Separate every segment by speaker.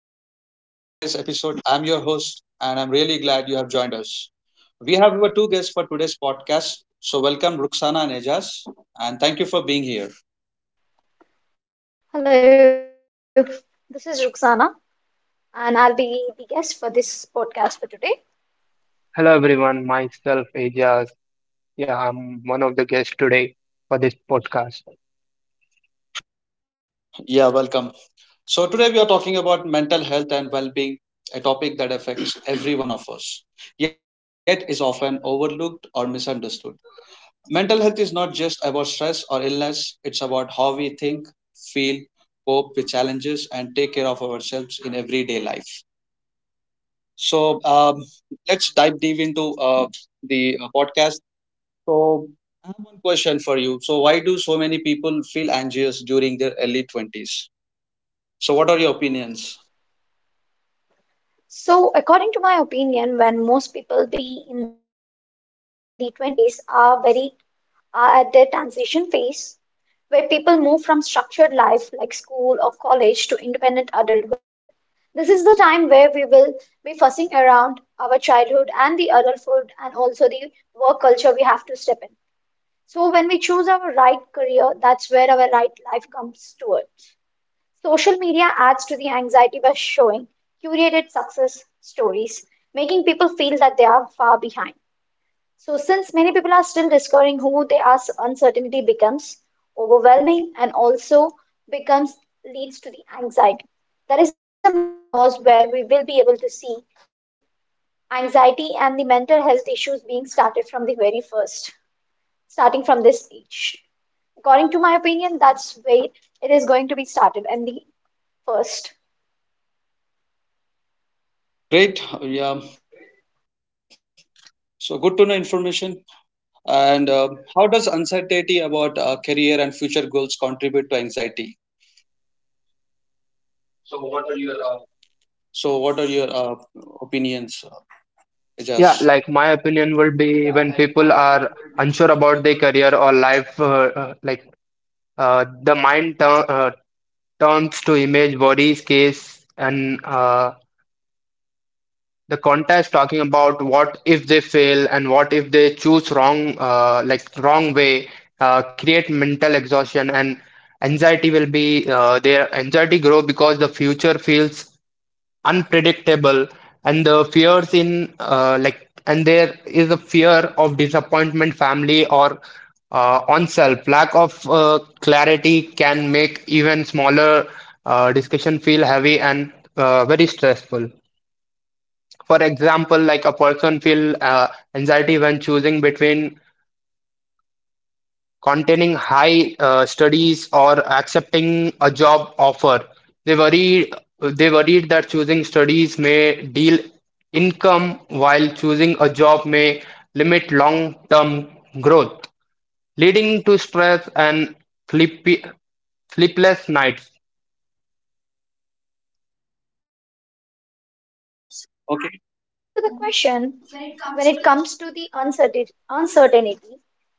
Speaker 1: to today's episode. I'm your host, and I'm really glad you have joined us. We have our two guests for today's podcast. So, welcome, Ruxana and Ejaz, and thank you for being here.
Speaker 2: Hello, this is Ruxana, and I'll be the guest for this podcast for today.
Speaker 3: Hello everyone, myself Ajas. Yeah, I'm one of the guests today for this podcast.
Speaker 1: Yeah, welcome. So, today we are talking about mental health and well being, a topic that affects every one of us, yet is often overlooked or misunderstood. Mental health is not just about stress or illness, it's about how we think, feel, cope with challenges, and take care of ourselves in everyday life. So let's dive deep into the podcast. So I have one question for you. So why do so many people feel anxious during their early 20s? So what are your opinions?
Speaker 2: So, according to my opinion, when most people be in the 20s are at their transition phase, where people move from structured life like school or college to independent adulthood. This is the time where we will be fussing around our childhood and the adulthood and also the work culture we have to in. So, when we choose our right career, that's where our right life comes towards. Social media adds to the anxiety by showing curated success stories, making people feel that they are far behind. So, since many people are still discovering who they are, so uncertainty becomes overwhelming and also becomes leads to the anxiety. That the main cause where we will be able to see the anxiety and the mental health issues being started from the very first, starting from this age. According to my opinion, that's where it is going to be started and the first.
Speaker 1: Great, yeah. So good to know information. And How does uncertainty about career and future goals contribute to anxiety? So what are your opinions, Ajaz?
Speaker 3: Yeah, like my opinion would be when people are unsure about their career or life, the turns to image, body, case, and the contest talking about what if they fail and what if they choose wrong, wrong way, create mental exhaustion and anxiety will be their anxiety grow because the future feels unpredictable and the fears in and there is a fear of disappointment, family or on self. Lack of clarity can make even smaller discussion feel heavy and very stressful. For example, like a person feel anxiety when choosing between containing high studies or accepting a job offer. They worry they worried that choosing studies may deal income while choosing a job may limit long-term growth, leading to stress and sleepy, sleepless nights.
Speaker 2: So,
Speaker 1: Okay,
Speaker 2: adding to the question, when it comes to the uncertainty,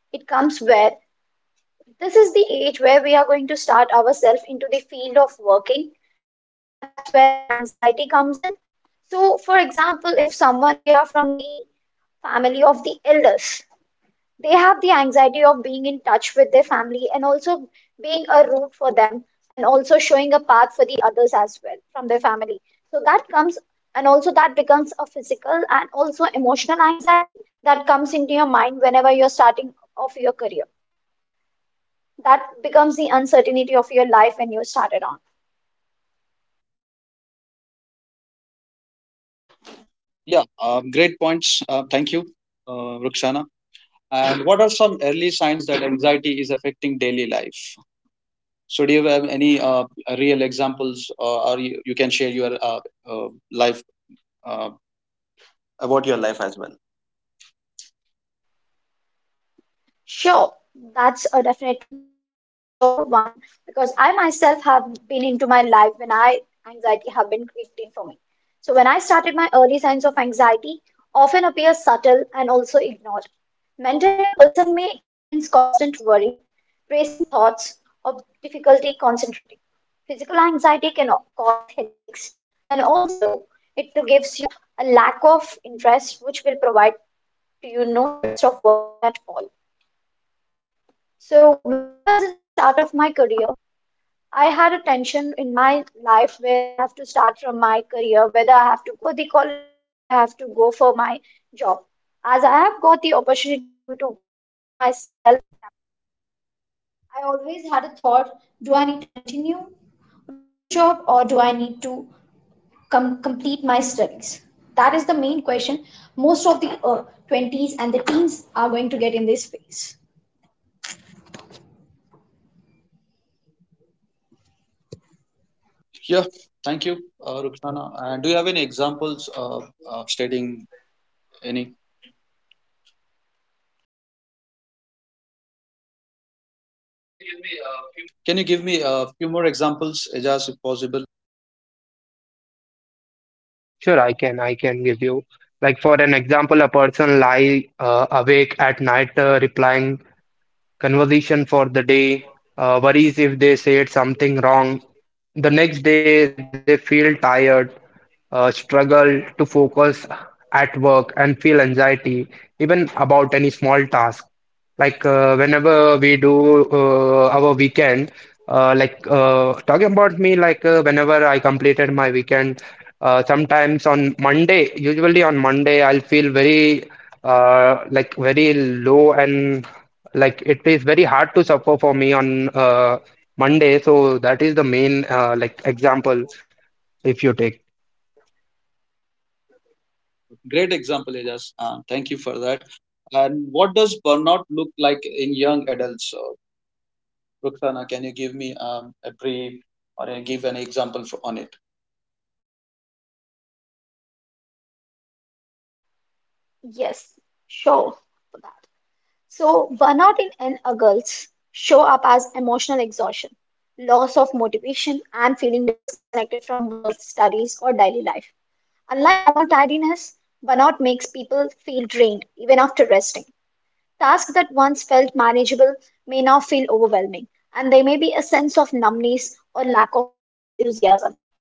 Speaker 2: it comes where this is the age where we are going to start ourselves into the field of working. That's where the anxiety comes in. So, for example, if someone we are from the family of the elders, they have the anxiety of being in touch with their family and also being a root for them and also showing a path for the others as well from their family. So that comes and becomes a physical and also emotional anxiety that comes into your mind whenever you're starting off your career. That becomes the uncertainty of your life when you started on.
Speaker 1: yeah. Great points. Thank you, Ruxana. And what are some early signs that anxiety is affecting daily life? So, do you have any real examples, or you can share your uh, life uh, about your life as well.
Speaker 2: Sure, that's a definitely a sure one because I myself have been into my life when I anxiety have been creating for me. So when I started, my early signs of anxiety often appear subtle and also ignored. Mentally, a person may experience constant worry, racing thoughts, or difficulty concentrating. Physical anxiety can cause headaches, and also it will gives you a lack of interest, which will provide to you no interest of working at all. So, when I was in the start of my career, I had a tension in my life where I have to start from my career, whether I for the college or whether I have to go for my job. As I have got the opportunity to work for myself.
Speaker 1: Yeah, thank you, Rukhsana. And do you have any examples of stating any?
Speaker 3: Can you give me?
Speaker 1: Can you give me a few more examples, Ajaz, if possible?
Speaker 3: Sure, I can. I can give you. Like for an example, a person lie awake at night replying conversation for the day, worries if they said something wrong. The next day, they feel tired, struggle to focus at work, and feel anxiety, even about any small task. Like whenever we do our weekend, talking about me, whenever I completed my weekend, sometimes on Monday, usually on Monday, I'll feel very very low and like it is very hard to suffer for me on Monday, so that is the main example if you take.
Speaker 1: Uh, Great example, Ajaz. Thank you for that. And what does burnout look like in young adults? Roxana, can you give me a brief or give an example for, on it?
Speaker 2: Yes, sure for that. So, burnout in young adults show up as emotional exhaustion, loss of motivation, and feeling disconnected from work, studies, or daily life. Unlike normal tidiness, burnout makes people feel drained even after resting. Tasks that once felt manageable may now feel overwhelming, and there may be a sense of numbness or lack of enthusiasm.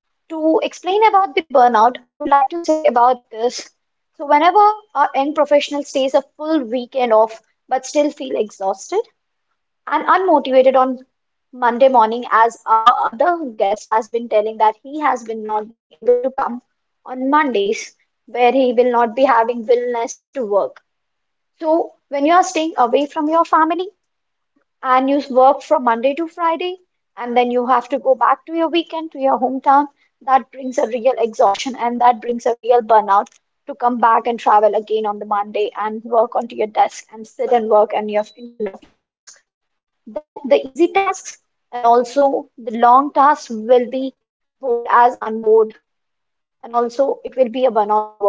Speaker 2: To explain about the burnout, I would like to say about this. So, whenever a young professional stays a full weekend off but still feel exhausted and unmotivated on Monday morning, as our other guest has been telling that he has been not being able to come on Mondays, where he will not be having willingness to work. So when you are staying away from your family and you work from Monday to Friday, and then you have to go back to your weekend, to your hometown, that brings a real exhaustion, and that brings a real burnout to come back and travel again on the Monday and work onto your desk and sit and work and you're in front of your desk. Then the easy tasks and also the long tasks will be bored as unbored, and also it will be a burnout to work.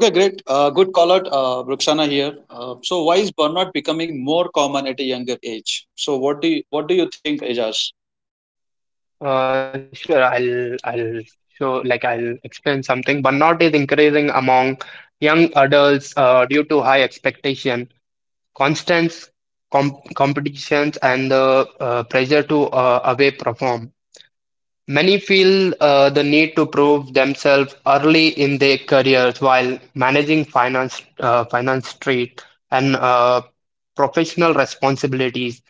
Speaker 1: Okay, great. Good call out, Roxana here. So, why is burnout becoming more common at a younger age? So, what do you think, Ajaz?
Speaker 3: Sure, I'll show like I'll explain something. Burnout is increasing among young adults due to high expectation, constant competitions, and the pressure to away perform. Many feel the need to prove themselves early in their careers while managing finance, straight and professional responsibilities.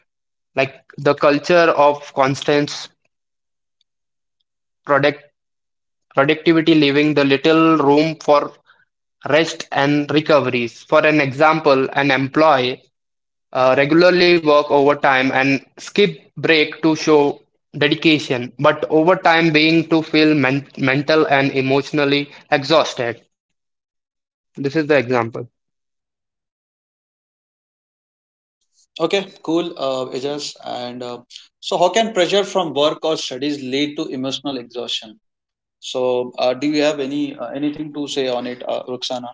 Speaker 3: Like the culture of constant product productivity, leaving the little room for rest and recoveries. For an example, an employee regularly work overtime and skip break to show dedication, but overtime being to feel mental and emotionally exhausted. This is the example.
Speaker 1: Okay, cool, Ajaz. And So, how can pressure from work or studies lead to emotional exhaustion? So, do you have any anything to say on it, Roxana?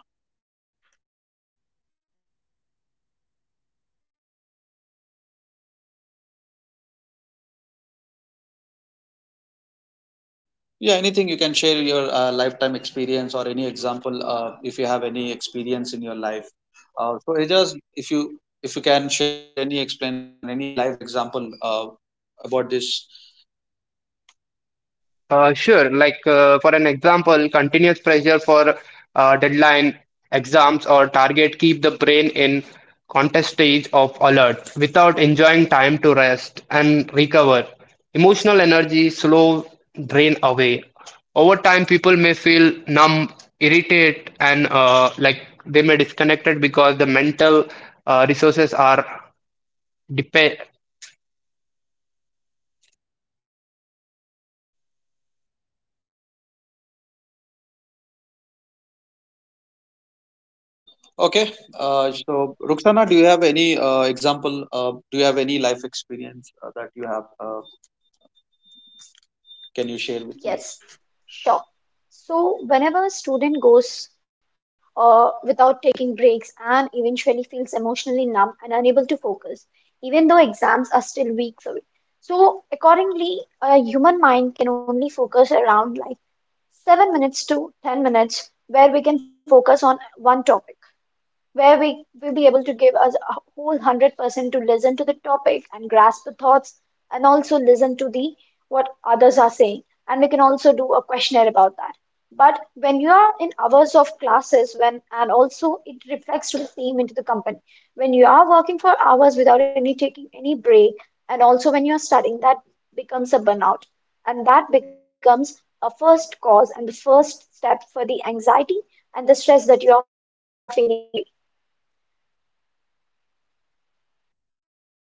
Speaker 1: Yeah, anything you can share your lifetime experience or any example if you have any experience in your life. So it just if you can share any explanation or any live example about this.
Speaker 3: Sure. Like for an example, continuous pressure for deadline exams or target keep the brain in contest stage of alert without enjoying time to rest and recover. Emotional energy slow drain away. Over time, people may feel numb, irritated, and they may disconnected because the mental resources are depleted.
Speaker 1: Okay, so Ruxana, do you have any example? Do you have any life experience that you have? Can you share with me?
Speaker 2: Yes, sure. So, whenever a student goes without taking breaks and eventually feels emotionally numb and unable to focus, even though exams are still weeks away. So, accordingly, a human mind can only focus around like 7 minutes to 10 minutes, where we can focus on one topic, where we will be able to give us a whole 100% to listen to the topic and grasp the thoughts and also listen to the what others are saying, and we can also do a questionnaire about that. But when you are in hours of classes, when and also it reflects to the same into the company, when you are working for hours without any taking any break, and also when you are studying, that becomes a burnout, and that becomes a first cause and the first step for the anxiety and the stress that you are feeling away.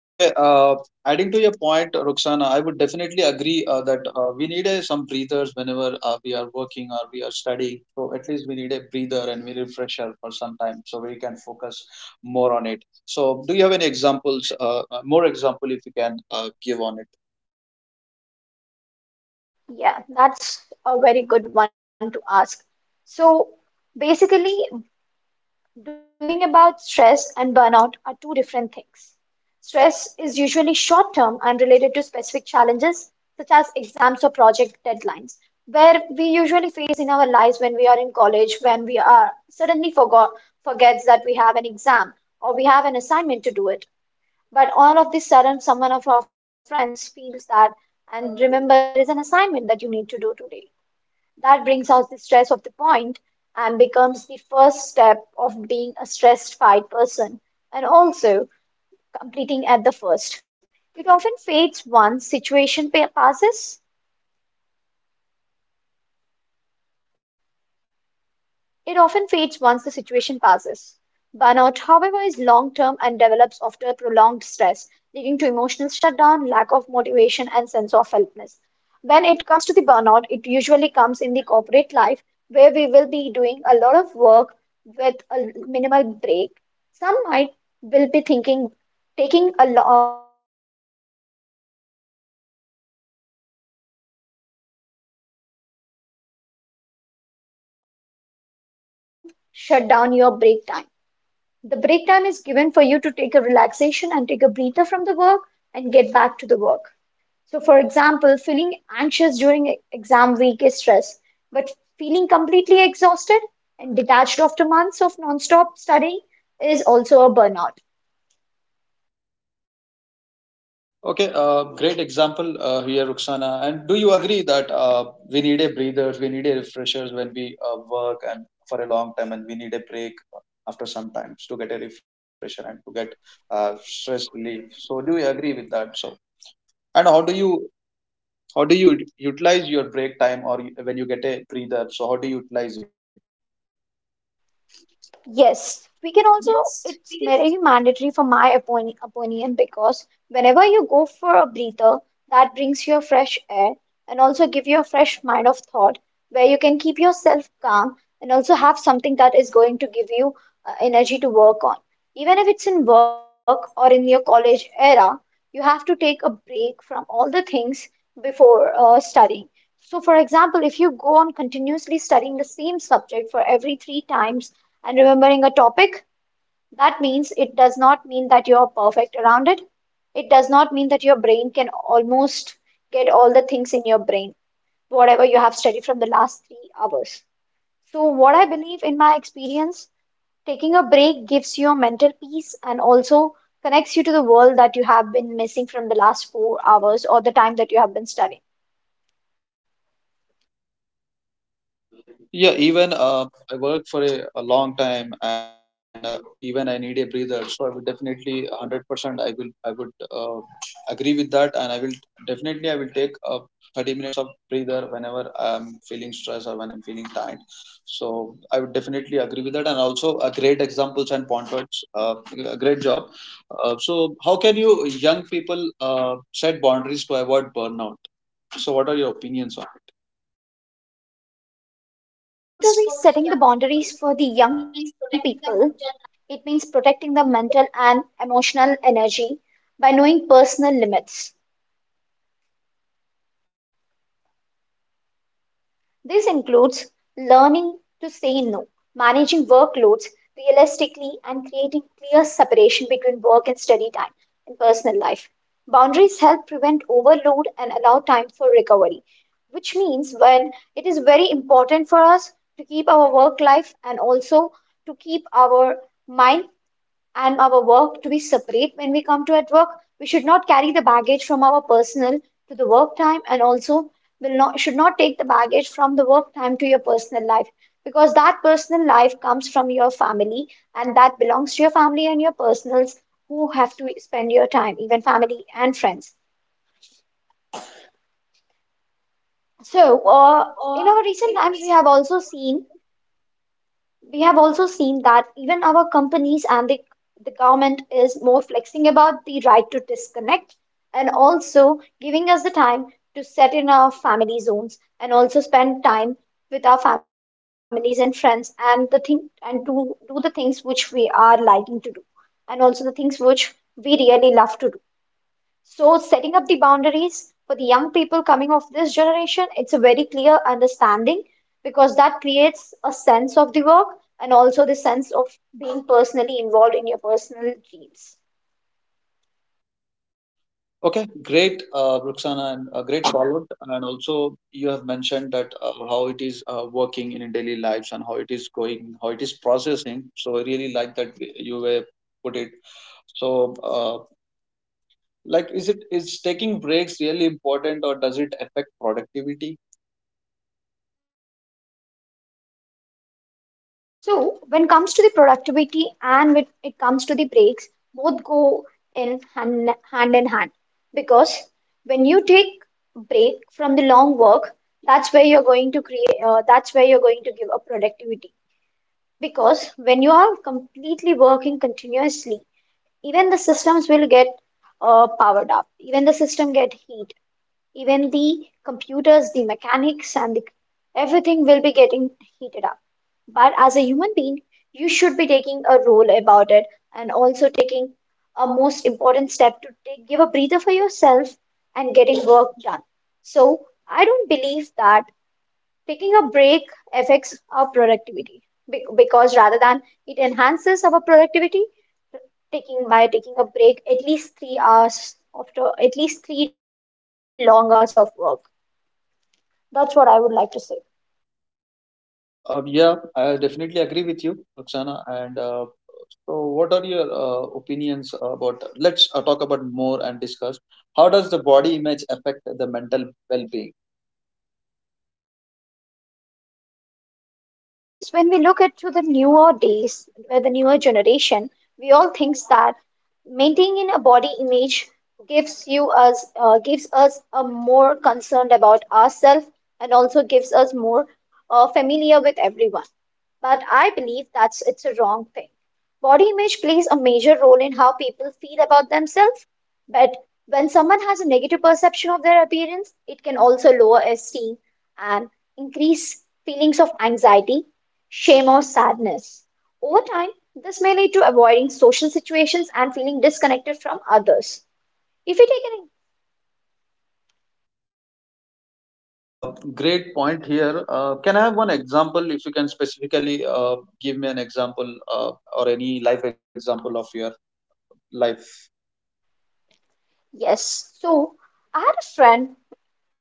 Speaker 1: Okay, adding to your point, Roxana, I would definitely agree that we need some breathers whenever we are working or we are studying. So at least we need a breather and we refresher for some time so we can focus more on it. So do you have any examples, more example if you can give on it?
Speaker 2: Yeah, that's a very good one to ask. So basically, doing about stress and burnout are two different things. Stress is usually short term and related to specific challenges such as exams or project deadlines, where we usually face in our lives when we are in college, when we are suddenly forgot forgets that we have an exam or we have an assignment to do it. But all of this sudden, someone of our friends feels that and remembers us there is an assignment that you need to do today, that brings out the stress of the point and becomes the first step of being a stress-fied person and also completing at the first. It often fades once situation passes. It often fades once the situation passes. Burnout, however, is long-term and develops after prolonged stress, leading to emotional shutdown, lack of motivation, and sense of helplessness. When it comes to the burnout, it usually in the corporate life where we will be doing a lot of work with a minimal break. Some might will be thinking not taking a break will gives us the long work also gives the appreciation that we need to get. But that doesn't mean that you need to shut down your break time. The break time is given for you to take a relaxation and take a breather from the work and get back to the work. So, for example, feeling anxious during exam week is stress, but feeling completely exhausted and detached after months of non-stop studying is also a burnout.
Speaker 1: Okay, great example here, Ruxana. And do you agree that we need a breathers, we need a refreshers when we work and for a long time, and we need a break after some times to get a refresher and to get stress relief. So, do you agree with that? So, and how do you utilize your break time or when you get a breather? So, how do you utilize it?
Speaker 2: Yes, we can also, it's very mandatory for my opinion because whenever you go for a breather, that brings you a fresh air and also give you a fresh mind of thought where you can keep yourself calm and also have something that is going to give you energy to work on. Even if it's in work or in your college era, you have to take a break from all the things before studying. So, for example, if you go on continuously studying the same subject for every three times, and remembering a topic, that means it does not mean that you're perfect around it. It does not mean that your brain can almost get all the things in your brain, whatever you have studied from the last 3 hours. So, what I believe in my experience, taking a break gives you a mental peace and also connects you to the world that you have been missing from the last 4 hours or the time that you have been studying.
Speaker 1: Yeah, even I worked for a long time, and even I need a breather. So I would definitely 100%. I would agree with that, and I will definitely I will take 30 minutes of breather whenever I'm feeling stress or when I'm feeling tired. So I would definitely agree with that, and also great examples and pointers. A great job. So how can you young people set boundaries to avoid burnout? So what are your opinions on it?
Speaker 2: So, when we come to the setting the boundaries for the young people, it means protecting the mental and emotional energy by knowing personal limits. This includes learning to say no, managing workloads realistically, and clear separation between work and study time in personal life. Boundaries help prevent overload and allow time for recovery, which means when it is very important for us to keep our work life and also to keep our mind and our work to be separate when we come to at work. We should not carry the baggage from our personal to the work time, and also will not should not take the baggage from the work time to your personal life because that personal life comes from your family and that belongs to your family and your personals who have to spend your time even family and friends. So in our recent times, we have also seen that even our companies and the government is more flexing about the right to disconnect and also giving us the time to set in our family zones and also spend time with our families and friends and the thing and to do the things which we are liking to do and also the things which we really love to do. So, setting up the boundaries for the young people coming of this generation, it's a very clear understanding because that creates a sense of the work and also the sense of being personally involved in your personal dreams.
Speaker 1: Okay, great, Ruxana, and great follow-up. And also, you have mentioned that how it is working in daily lives and how it is going, how it is processing. So I really like that you were put it. So, like, is it is taking breaks really important, or does it affect productivity?
Speaker 2: So, when it comes to the productivity and when it comes to the breaks, both go hand in hand because when you take break from the long work, that's where you're going to create, that's where you're going to give a productivity. Because when you are completely working continuously, even the systems will get powered up, even the system get heat, even the computers, the mechanics, and the, everything will be getting heated up. But as a human being, you should be taking a role about it and also taking a most important step to take, give a breather for yourself and getting work done. So I don't believe that taking a break affects our productivity because rather than it enhances our productivity, taking by taking a break at least 3 hours after at least 3 long hours of work. That's what I would like to say.
Speaker 1: Yeah, I definitely agree with you, Ruxana. And So, what are your opinions about? Let's talk about more and discuss. How does the body image affect the mental well-being?
Speaker 2: So nowadays, when we look at to the newer days, where the newer generation, we all think that maintaining a body image gives us a more concerned about ourselves and also gives us more familiar with everyone. But I believe that's it's a wrong thing. Body image plays a major role in how people feel about themselves, but when someone has a negative perception of their appearance, it can also lower esteem and increase feelings of anxiety, shame, or sadness. Over time, this may lead to avoiding social situations and feeling disconnected from others. If you take an
Speaker 1: Okay, great point here. Can I have one example if you can specifically give me an example or any life example of your life?
Speaker 2: yes, so I had a friend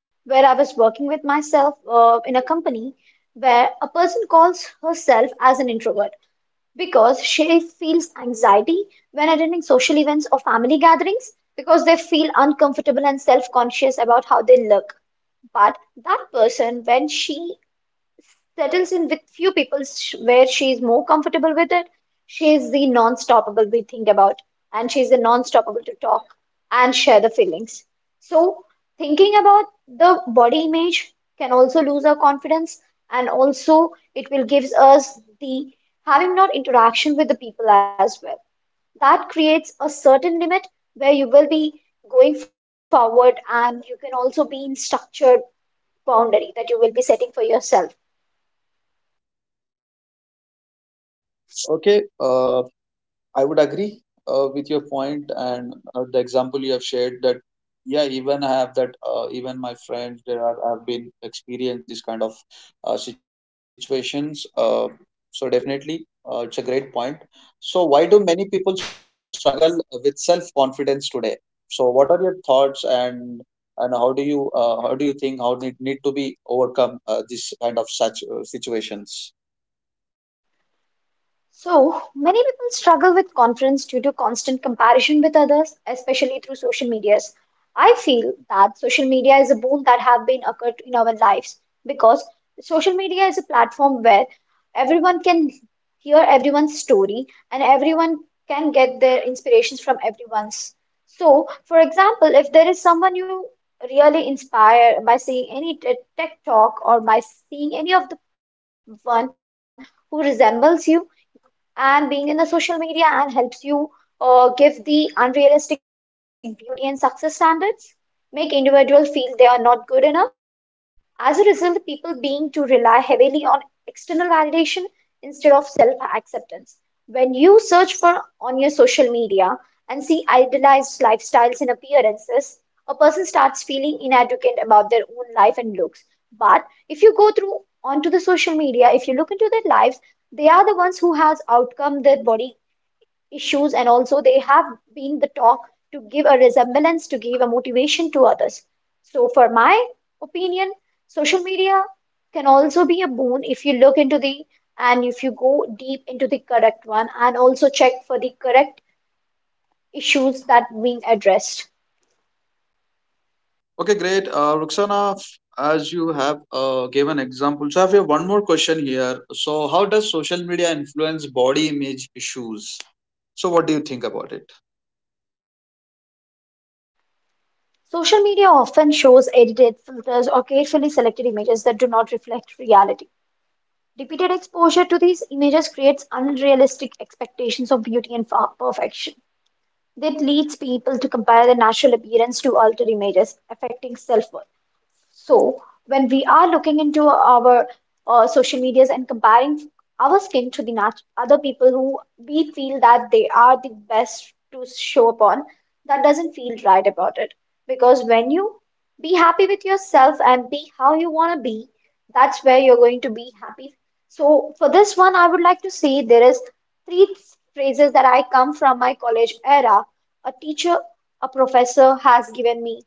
Speaker 2: where I was working with myself in a company where a person calls herself as an introvert because she feels anxiety when attending social events or family gatherings because they feel uncomfortable and self-conscious about how they look. But that person, when she settles in with few people where she is more comfortable with it. She is the non-stoppable we think about, and she is the non-stoppable to talk and share the feelings. So, thinking about the body image can also lose our confidence, and also it will gives us the having not interaction with the people as well. That creates a certain limit where you will be going forward, and you can also be in structured boundary that you will be setting for yourself.
Speaker 1: Okay, I would agree with your point and the example you have shared that yeah even I have that even my friends there are have been experienced this kind of situations so definitely it's a great point. So why do many people struggle with self confidence today? So what are your thoughts, and how do you think how need to be overcome this kind of such situations?
Speaker 2: So, many people struggle with confidence due to constant comparison with others, especially through social medias. I feel that social media is a boon that have been occurred in our lives because social media is a platform where everyone can hear everyone's story and everyone can get their inspirations from everyone's. So, for example, if there is someone you really inspire by seeing any tech talk or by seeing any of the one who resembles you, and being in the social media and helps you give the unrealistic beauty and success standards, make individuals feel they are not good enough, as a result, people being to rely heavily on external validation instead of self-acceptance. When you search for on your social media and see idealized lifestyles and appearances, a person starts feeling inadequate about their own life and looks. But if you go through onto the social media, if you look into their lives, they are the ones who their body issues and also they have been the talk to give a resemblance to give a motivation to others. So for my opinion, social media can also be a boon if you look into the and if you go deep into the correct one and also check for the correct issues that being addressed.
Speaker 1: Okay, great. Ruxana, as you have given example, so I have one more question here. So, how does social media influence body image issues? So, what do you think about it?
Speaker 2: Social media often shows edited filters or carefully selected images that do not reflect reality. Repeated exposure to these images creates unrealistic expectations of beauty and perfection. That leads people to compare their natural appearance to altered images, affecting self-worth. So, when we are looking into our social medias and comparing our skin to the nat other people who we feel that are the best to show upon, that doesn't feel right about it. Because when you be happy with yourself and be how you want to be, that's where you're going to be happy. So, for this one, I would like to say there is three phrases that I come from my college era. A teacher, a professor has given me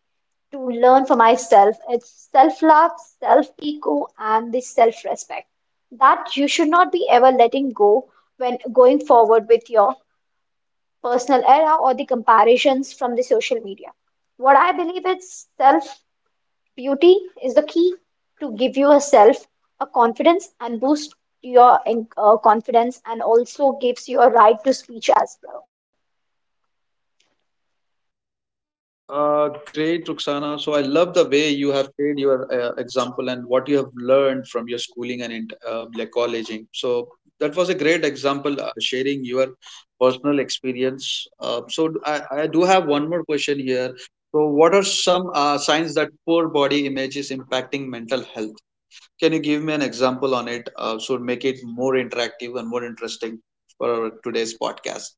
Speaker 2: to learn for myself. It's self love, self ego, and the self respect that you should not be ever letting go when going forward with your personal era or the comparisons from the social media. What I believe is self beauty is the key to give yourself a confidence and boost your confidence and also gives you a right to speech as well.
Speaker 1: Great, Ruxana. So I love the way you have shared your example and what you have learned from your schooling and like colleging. So that was a great example, sharing your personal experience. So I do have one more question here. So what are some signs that poor body image is impacting mental health? Can you give me an example on it? So make it more interactive and more interesting for our today's podcast.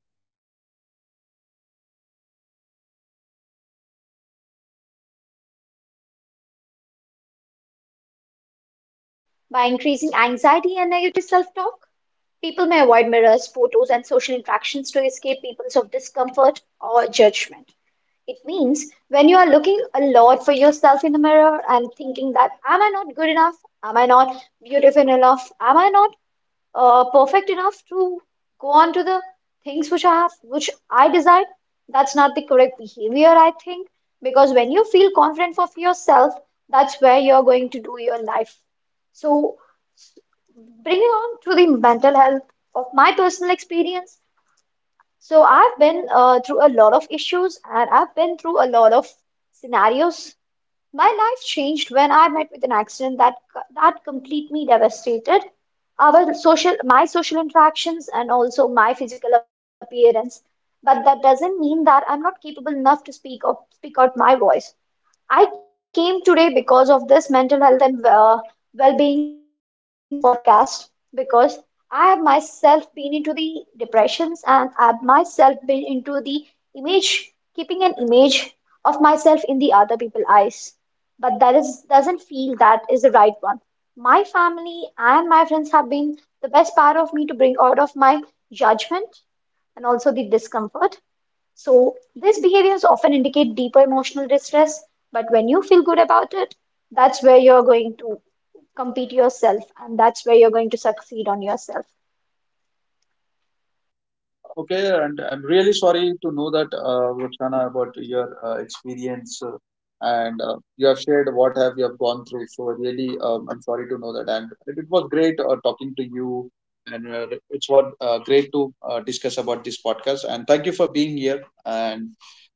Speaker 2: Yeah, sure. That's an easy go for me because when we think about seeing our bodies, like poor body image, can affect mental health by increasing anxiety and negative self-talk. People may mirrors, photos, and social interactions to escape people's of discomfort or judgment. It means when you are looking a lot for yourself in the mirror and thinking that, am I not good enough? Am I not beautiful enough? Am I not perfect enough to the things which I have, which I desired, that's not the correct behavior, I think, because when you feel confident of yourself, that's where you're going to do your life. So, s- bringing on to the mental health of my personal experience, so I've been through a lot of issues and I've been through a lot of scenarios. My life changed when I met with an accident that completely devastated our social my social interactions and also my physical appearance. But that doesn't mean that I'm not capable enough to speak or speak out my voice. I came today because of this mental health and well-being podcast because I have myself been into the depressions and I have myself been into the image, keeping an image of myself in the other people's eyes. But that is doesn't feel that is the right one. My family and my friends have been the best part of me to bring out of my judgment and also the discomfort. So, these behaviors often indicate deeper emotional distress, but when you feel good about it, that's where you're going to compete yourself and that's where you're going to succeed on yourself.
Speaker 1: Okay, and I'm really sorry to know that, Roxana, about your experience and you have shared what have you have gone through. So really, I'm sorry to know that, and it was great talking to you, and it's what great to discuss about this podcast. And thank you for being here. And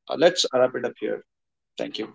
Speaker 1: let's wrap it up here. Thank you.